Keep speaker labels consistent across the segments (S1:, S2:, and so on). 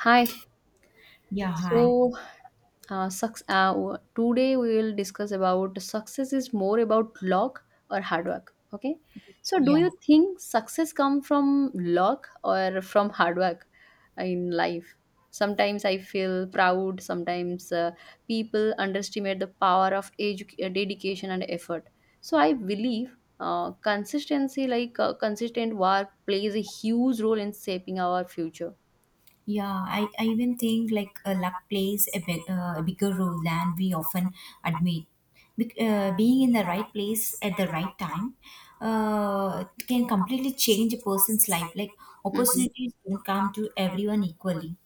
S1: Hi.
S2: Yeah, hi.
S1: So, today we will discuss about success is more about luck or hard work. Okay. So, do
S2: Yeah,
S1: you think success come from luck or from hard work in life? Sometimes I feel proud. Sometimes, people underestimate the power of dedication and effort. So, I believe. Consistency like consistent work plays a huge role in shaping our future.
S2: I even think like luck plays a bigger role than we often admit. Being in the right place at the right time can completely change a person's life. Like
S1: Mm-hmm.
S2: opportunities don't come to everyone equally.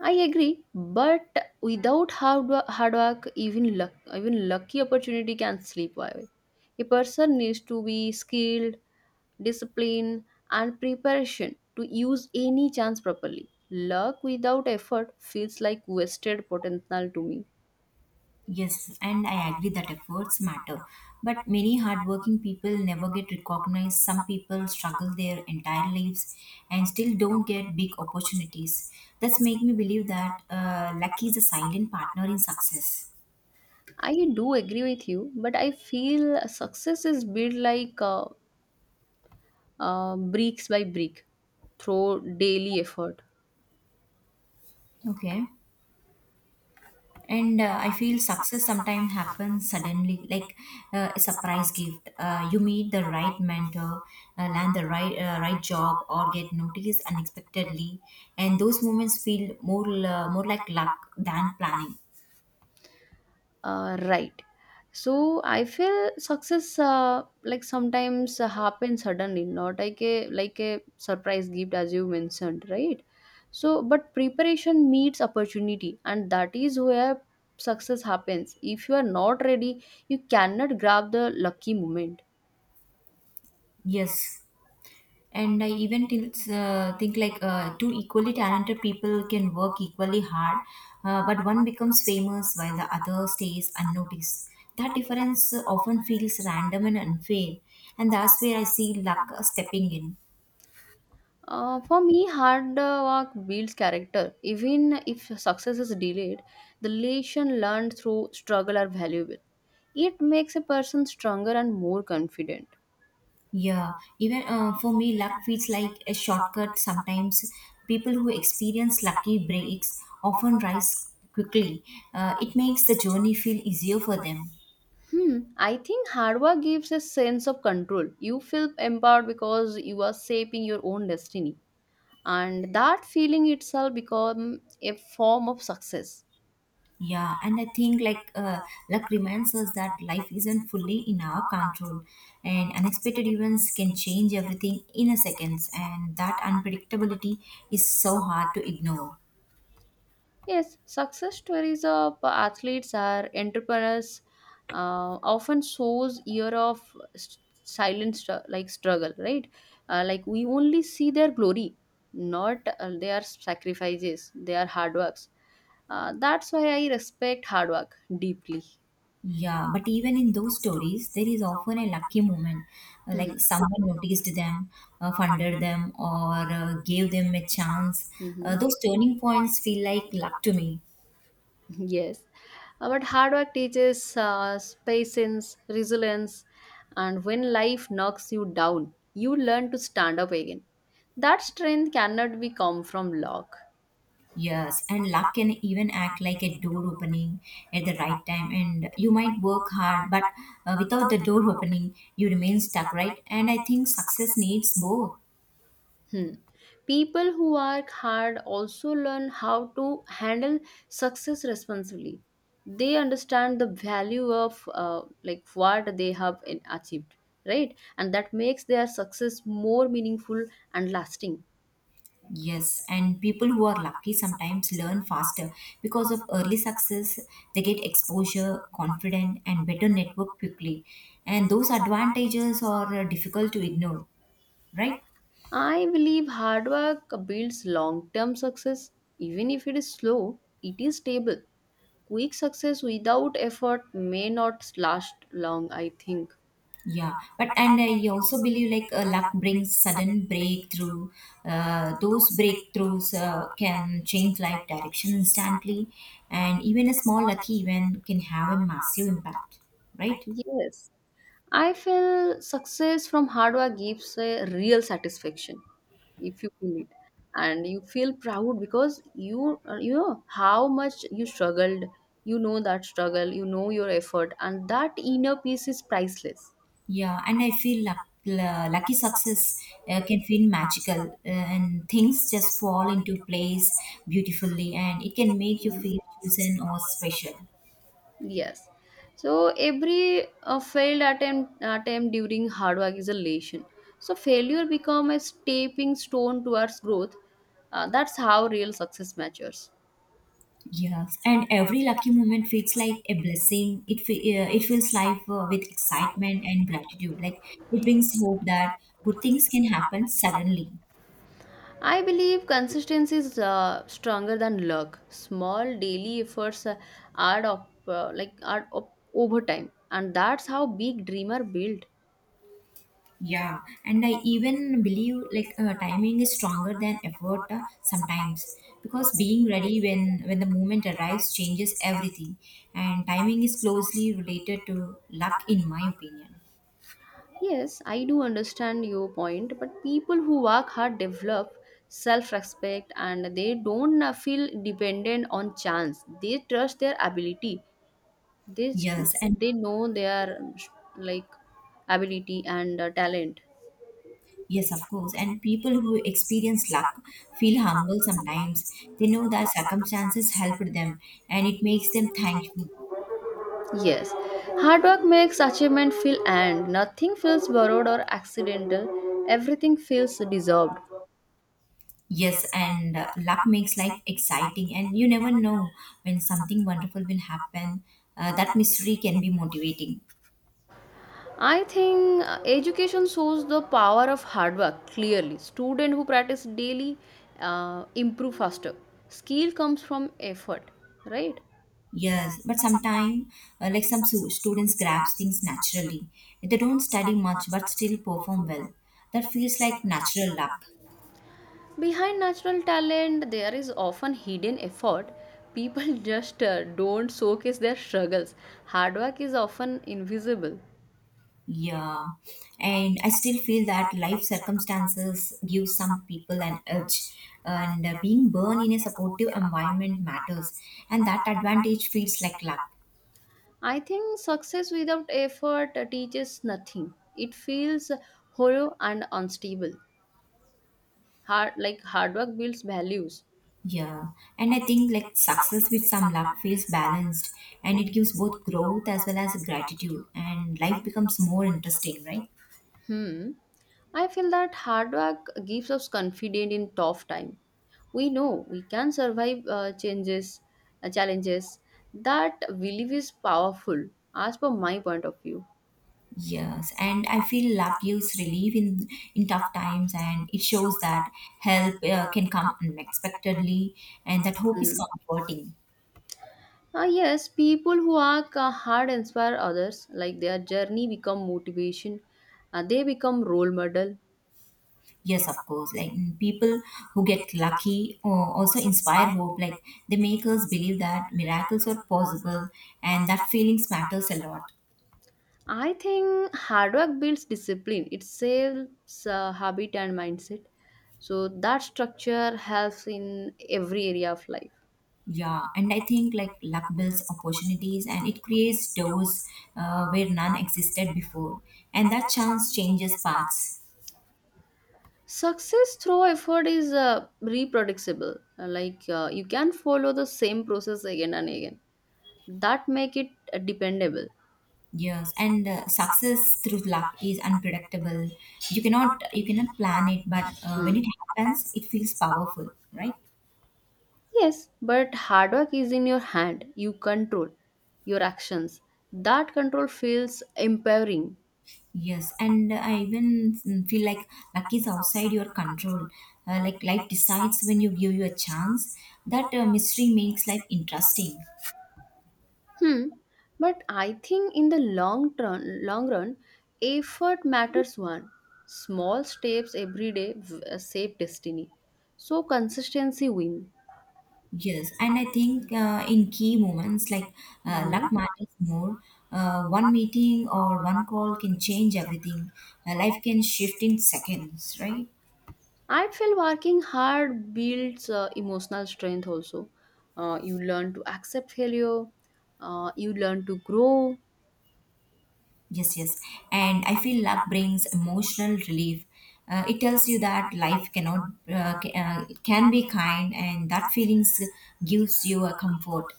S1: I agree, but without hard work, even luck, even lucky opportunity can slip away. A person needs to be skilled, disciplined, and preparation to use any chance properly. Luck without effort feels like wasted potential to me.
S2: Yes, and I agree that efforts matter. But many hardworking people never get recognized. Some people struggle their entire lives and still don't get big opportunities. That's make me believe that luck is a silent partner in success.
S1: I do agree with you, but I feel success is built like bricks by brick through daily effort.
S2: Okay. And I feel success sometimes happens suddenly, like a surprise gift. You meet the right mentor, land the right job, or get noticed unexpectedly, and those moments feel more like luck than planning.
S1: Right. So I feel success like sometimes happens suddenly, not like a like a surprise gift, as you mentioned, right? So but preparation meets opportunity, and that is where success happens. If you are not ready, you cannot grab the lucky moment.
S2: Yes, and I even think like two equally talented people can work equally hard, but one becomes famous while the other stays unnoticed. That difference often feels random and unfair, and that's where I see luck stepping in.
S1: For me, hard work builds character. Even if success is delayed, the lesson learned through struggle are valuable. It makes a person stronger and more confident.
S2: Yeah. Even for me, luck feels like a shortcut sometimes. People who experience lucky breaks often rise quickly. It makes the journey feel easier for them.
S1: Hmm, I think hard work gives a sense of control. You feel empowered because you are shaping your own destiny, and that feeling itself becomes a form of success.
S2: Yeah, and I think like luck reminds us that life isn't fully in our control, and unexpected events can change everything in a seconds, and that unpredictability is so hard to ignore.
S1: Yes, success stories of athletes are entrepreneurs often shows year of silent like struggle, right? Like we only see their glory, not their sacrifices, their hard works. That's why I respect hard work deeply.
S2: Yeah, but even in those stories, there is often a lucky moment, like someone noticed them, funded them, or gave them a chance.
S1: Hmm.
S2: Those turning points feel like luck to me.
S1: Yes, but hard work teaches patience, resilience, and when life knocks you down, you learn to stand up again. That strength cannot be come from luck.
S2: Yes, and luck can even act like a door opening at the right time, and you might work hard, but without the door opening, you remain stuck, right? And I think success needs both.
S1: Hmm. People who work hard also learn how to handle success responsibly. They understand the value of like what they have achieved, right? And that makes their success more meaningful and lasting.
S2: Yes, and people who are lucky sometimes learn faster because of early success, they get exposure, confident, and better network quickly. And those advantages are difficult to ignore, right?
S1: I believe hard work builds long term success. Even if it is slow, it is stable. Quick success without effort may not last long, I think.
S2: Yeah, but and I also believe like luck brings sudden breakthrough. Those breakthroughs can change life direction instantly, and even a small lucky event can have a massive impact, right?
S1: Yes, I feel success from hard work gives a real satisfaction if you feel it, and you feel proud because you know how much you struggled. You know that struggle, you know your effort, and that inner peace is priceless.
S2: Yeah, and I feel luck, lucky success can feel magical, and things just fall into place beautifully, and it can make you feel chosen or special.
S1: Yes. So every failed attempt during hard work is a lesson. So failure become a stepping stone towards growth. That's how real success matures.
S2: Yes, and every lucky moment feels like a blessing. It fills life with excitement and gratitude. Like it brings hope that good things can happen suddenly.
S1: I believe consistency is stronger than luck. Small daily efforts add up over time, and that's how big dreamer build.
S2: Yeah, and I even believe like timing is stronger than effort sometimes, because being ready when the moment arrives changes everything, and timing is closely related to luck in my opinion.
S1: Yes, I do understand your point, but people who work hard develop self respect, and they don't feel dependent on chance. They trust their ability. They, s-
S2: Yes, and
S1: they know their like ability and talent.
S2: Yes, of course. And people who experience luck feel humble sometimes. They know that circumstances helped them and it makes them thankful.
S1: Yes, hard work makes achievement feel earned. Nothing feels borrowed or accidental. Everything feels deserved.
S2: Yes, and luck makes life exciting, and you never know when something wonderful will happen. That mystery can be motivating.
S1: I think education shows the power of hard work clearly. Student who practice daily improve faster. Skill comes from effort, right?
S2: Yes, but sometimes, like some students grasp things naturally. They don't study much but still perform well. That feels like natural luck.
S1: Behind natural talent, there is often hidden effort. People just don't showcase their struggles. Hard work is often invisible.
S2: Yeah, and I still feel that life circumstances give some people an edge, and being born in a supportive environment matters, and that advantage feels like luck.
S1: I think success without effort teaches nothing. It feels hollow and unstable. Hard work builds values.
S2: Yeah, and I think like success with some luck feels balanced, and it gives both growth as well as gratitude, and life becomes more interesting, right?
S1: Hmm. I feel that hard work gives us confidence in tough time. We know we can survive changes, challenges. That belief is powerful, as per my point of view.
S2: Yes, and I feel luck gives relief in tough times, and it shows that help can come unexpectedly, and that hope is
S1: Mhm.
S2: comforting.
S1: Ah yes, people who work hard inspire others. Like their journey become motivation. They become role model.
S2: Yes, of course. Like people who get lucky or also inspire hope. Like they make us believe that miracles are possible, and that feelings matters a lot.
S1: I think hard work builds discipline. It saves habit and mindset. So that structure helps in every area of life.
S2: Yeah, and I think like luck builds opportunities and it creates doors where none existed before, and that chance changes paths.
S1: Success through effort is reproducible. Like you can follow the same process again and again. That make it dependable.
S2: Yes, and success through luck is unpredictable. You cannot plan it, but when it
S1: Hmm.
S2: happens, it feels powerful, right?
S1: Yes, but hard work is in your hand. You control your actions. That control feels empowering.
S2: Yes, and I even feel like luck is outside your control. Like life decides when you give you a chance. That mystery makes life interesting.
S1: Hmm. But I think in the long run, effort matters one. Small steps every day save destiny. So consistency win.
S2: Yes, and I think in key moments like
S1: Mhm.
S2: luck matters more. One meeting or one call can change everything. Life can shift in seconds, right?
S1: I feel working hard builds emotional strength also. You learn to accept failure, you learn to grow.
S2: Yes, yes. And I feel luck brings emotional relief. It tells you that life cannot ca- can be kind, and that feelings gives you a comfort.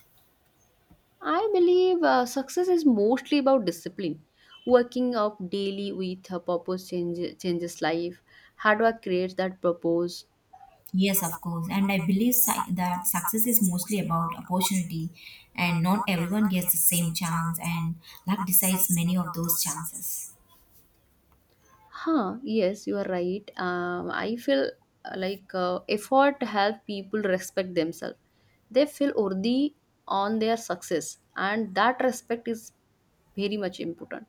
S1: I believe success is mostly about discipline. Working up daily with a purpose changes life. Hard work creates that purpose.
S2: Yes, of course. And I believe that success is mostly about opportunity, and not everyone gets the same chance, and luck decides many of those chances.
S1: Huh, yes, you are right. I feel like effort help people respect themselves. They feel worthy on their success, and that respect is very much important.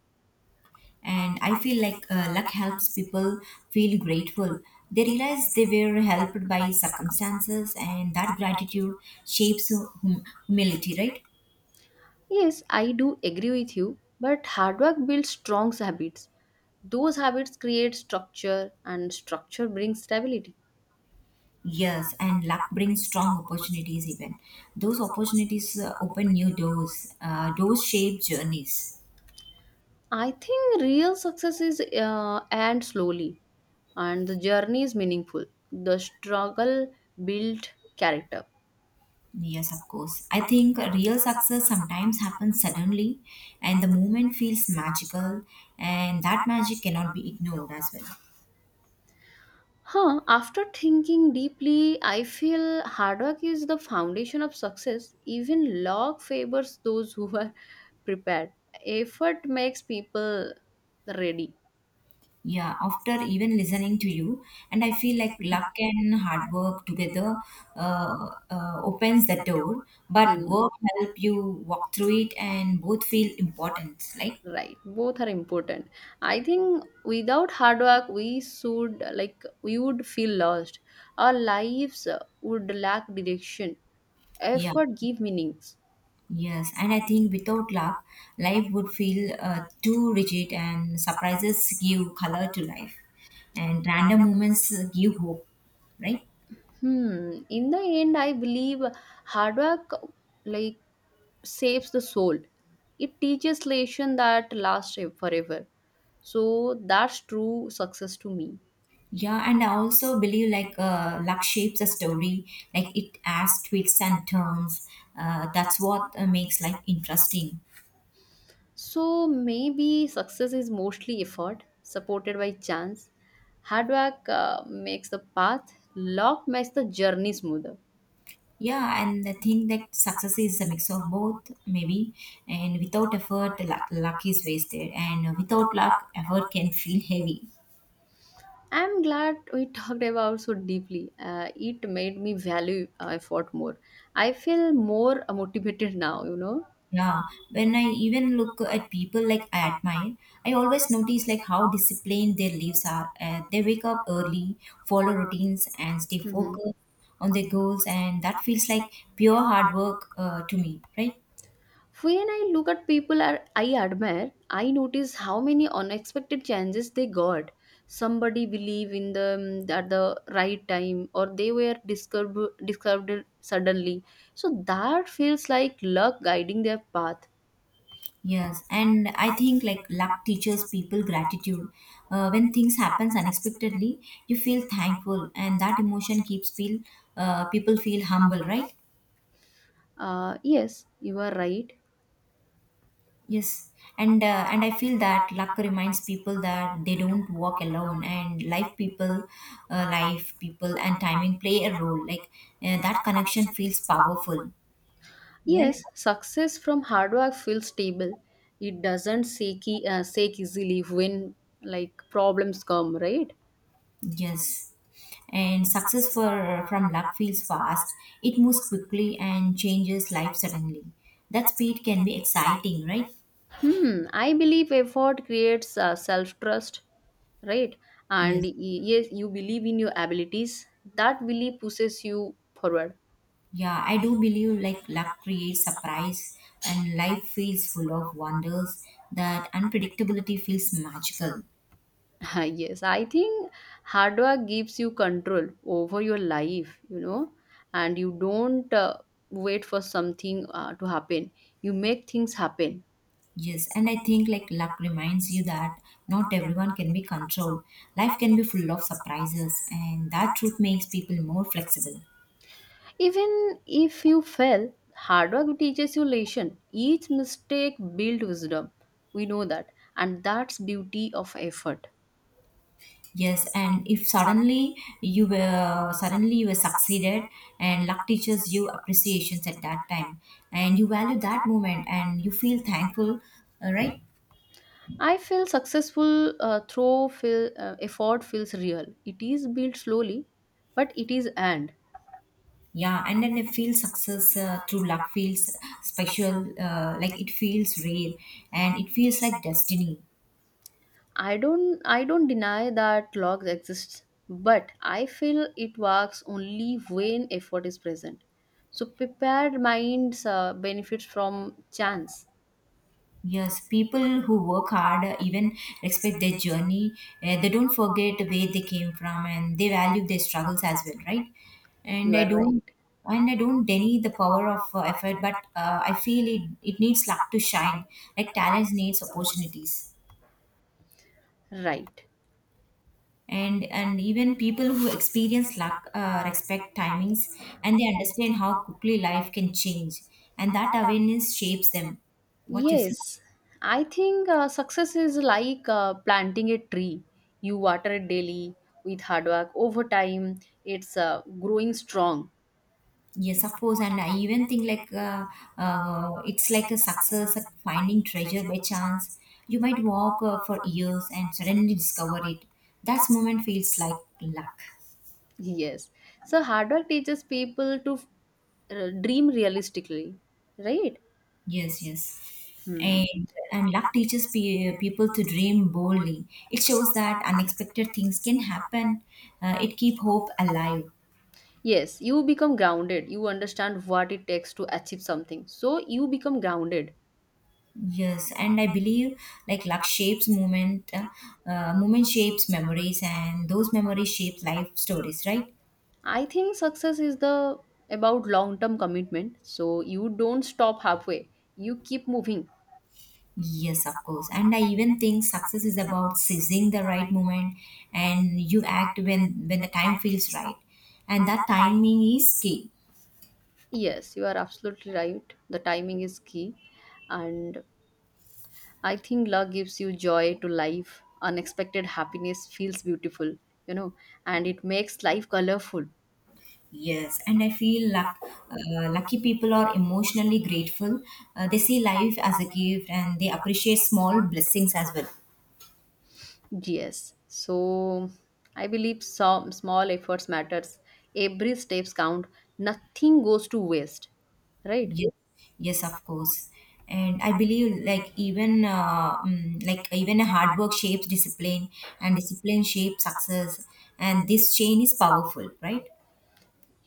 S2: And I feel like luck helps people feel grateful. They realize they were helped by circumstances, and that gratitude shapes humility, right?
S1: Yes, I do agree with you, but hard work builds strong habits. Those habits create structure, and structure brings stability.
S2: Yes, and luck brings strong opportunities, even. Those opportunities open new doors, doors shape journeys.
S1: I think real success is uh, and slowly, and the journey is meaningful. The struggle built character.
S2: Yes, of course. I think real success sometimes happens suddenly, and the moment feels magical, and that magic cannot be ignored as well.
S1: Huh, after thinking deeply, I feel hard work is the foundation of success. Even luck favors those who are prepared. Effort makes people ready.
S2: Yeah, after even listening to you, and I feel like luck and hard work together opens the door, but
S1: Hmm,
S2: work help you walk through it, and both feel important. Like
S1: right. Both are important. I think without hard work, we should like we would feel lost. Our lives would lack direction.
S2: yeah,
S1: Effort give meanings.
S2: yes, and I think without luck, life would feel too rigid, and surprises give color to life, and random moments give hope, right?
S1: Hmm. In the end, I believe hard work like saves the soul. It teaches lesson that lasts forever. So that's true success to me.
S2: Yeah, and I also believe like luck shapes a story. Like it adds twists and turns. That's what makes life interesting.
S1: So maybe success is mostly effort supported by chance. Hard work makes the path, luck makes the journey smoother.
S2: Yeah, and I think that success is a mix of both, maybe. And without effort, luck is wasted. And without luck, effort can feel heavy.
S1: I'm glad we talked about so deeply. It made me value effort more. I feel more motivated now, you know.
S2: Yeah, when I even look at people like I admire, I always notice like how disciplined their lives are. They wake up early, follow routines, and stay
S1: Mhm.
S2: focused on their goals, and that feels like pure hard work to me, right?
S1: When I look at people are I admire, I notice how many unexpected chances they got. Somebody believed in them at the right time, or they were disturbed suddenly. So that feels like luck guiding their path.
S2: Yes, and I think like luck teaches people gratitude. When things happens unexpectedly, you feel thankful, and that emotion keeps feel people feel humble, right?
S1: Yes, you are right.
S2: Yes, and I feel that luck reminds people that they don't walk alone, and life people, and timing play a role. Like that connection feels powerful, right?
S1: Yes, success from hard work feels stable. It doesn't shake, shake easily when like problems come, right?
S2: Yes, and success for from luck feels fast. It moves quickly and changes life suddenly. That speed can be exciting, right?
S1: Hmm, I believe effort creates self-trust, right? And
S2: Yes.
S1: y- yes, you believe in your abilities. That belief pushes you forward.
S2: Yeah, I do believe like luck creates surprise and life feels full of wonders that unpredictability feels magical.
S1: Yes, I think hard work gives you control over your life, you know, and you don't wait for something to happen. You make things happen.
S2: Yes, and I think like luck reminds you that not everyone can be controlled. Life can be full of surprises and that truth makes people more flexible.
S1: Even if you fail, hard work teaches you lesson. Each mistake builds wisdom. We know that, and that's beauty of effort.
S2: Yes, and if suddenly you were succeeded and luck teaches you appreciations at that time and you value that moment and you feel thankful, right?
S1: I feel successful through effort feels real. It is built slowly, but it is and
S2: Yeah, and then I feel success through luck feels special, like it feels real, and it feels like destiny.
S1: I don't deny that luck exists, but I feel it works only when effort is present. So prepared minds benefits from chance.
S2: Yes, people who work hard even respect their journey. They don't forget where they came from and they value their struggles as well, right? And
S1: You
S2: I
S1: are
S2: don't
S1: right.
S2: and I don't deny the power of effort, but I feel it, it needs luck to shine, like talent needs opportunities.
S1: Right.
S2: And even people who experience luck respect timings and they understand how quickly life can change and that awareness shapes them. What you say?
S1: Yes, I think success is like planting a tree. You water it daily with hard work. Over time, it's growing strong.
S2: Yes, of course. And I even think like it's like a success at finding treasure by chance. You might walk for years and suddenly discover it. That moment feels like luck.
S1: Yes. So, hard work teaches people to dream realistically, right?
S2: Yes, yes.
S1: Hmm.
S2: And luck teaches people to dream boldly. It shows that unexpected things can happen. It keep hope alive.
S1: Yes, you become grounded. You understand what it takes to achieve something. So, you become grounded.
S2: Yes, and I believe like luck shapes movement. Movement shapes memories, and those memories shape life stories. Right?
S1: I think success is the about long term commitment. So, you don't stop halfway, you keep moving.
S2: Yes, of course. And I even think success is about seizing the right moment, and you act when the time feels right, and that timing is key.
S1: Yes, you are absolutely right. The timing is key. And I think love gives you joy to life. Unexpected happiness feels beautiful, you know, and it makes life colorful.
S2: Yes, and I feel luck, lucky people are emotionally grateful. They see life as a gift and they appreciate small blessings as well.
S1: Yes. So I believe some small efforts matters. Every steps count. Nothing goes to waste, right?
S2: Yes, yes, of course. And I believe like even a hard work shapes discipline and discipline shapes success and this chain is powerful, right?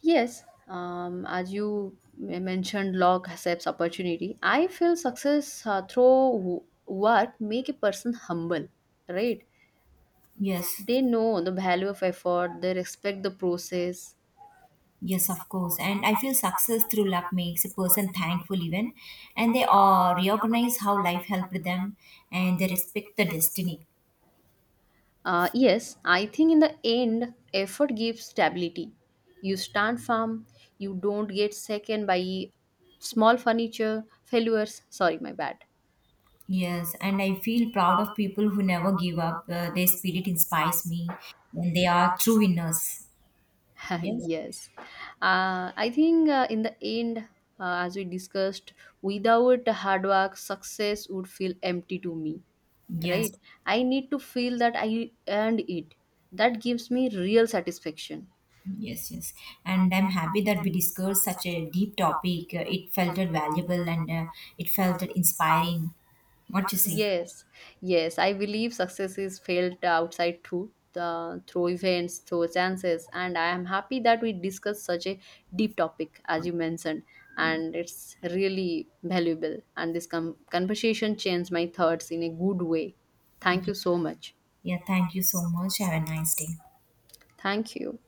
S1: Yes, as you mentioned, luck accepts opportunity. I feel success through what make a person humble, right?
S2: Yes.
S1: They know the value of effort, they respect the process.
S2: Yes, of course. And I feel success through luck makes a person thankful even and they recognize how life helped them and they respect the destiny.
S1: Yes, I think in the end, effort gives stability. You stand firm, you don't get second by small furniture failures. Sorry, my bad.
S2: Yes, and I feel proud of people who never give up. Their spirit inspires me, and they are true winners. Yes,
S1: Yes, I think in the end, as we discussed, without hard work success would feel empty to me, right?
S2: yes,
S1: I need to feel that I earned it. That gives me real satisfaction.
S2: yes, yes. And I'm happy that we discussed such a deep topic. It felt valuable and it felt inspiring. What you say?
S1: Yes, yes, I believe success is felt outside too, through events, through chances, and I am happy that we discussed such a deep topic as you mentioned, and it's really valuable. And this conversation changed my thoughts in a good way. Thank you so much.
S2: Yeah, thank you so much. Have a nice day.
S1: Thank you.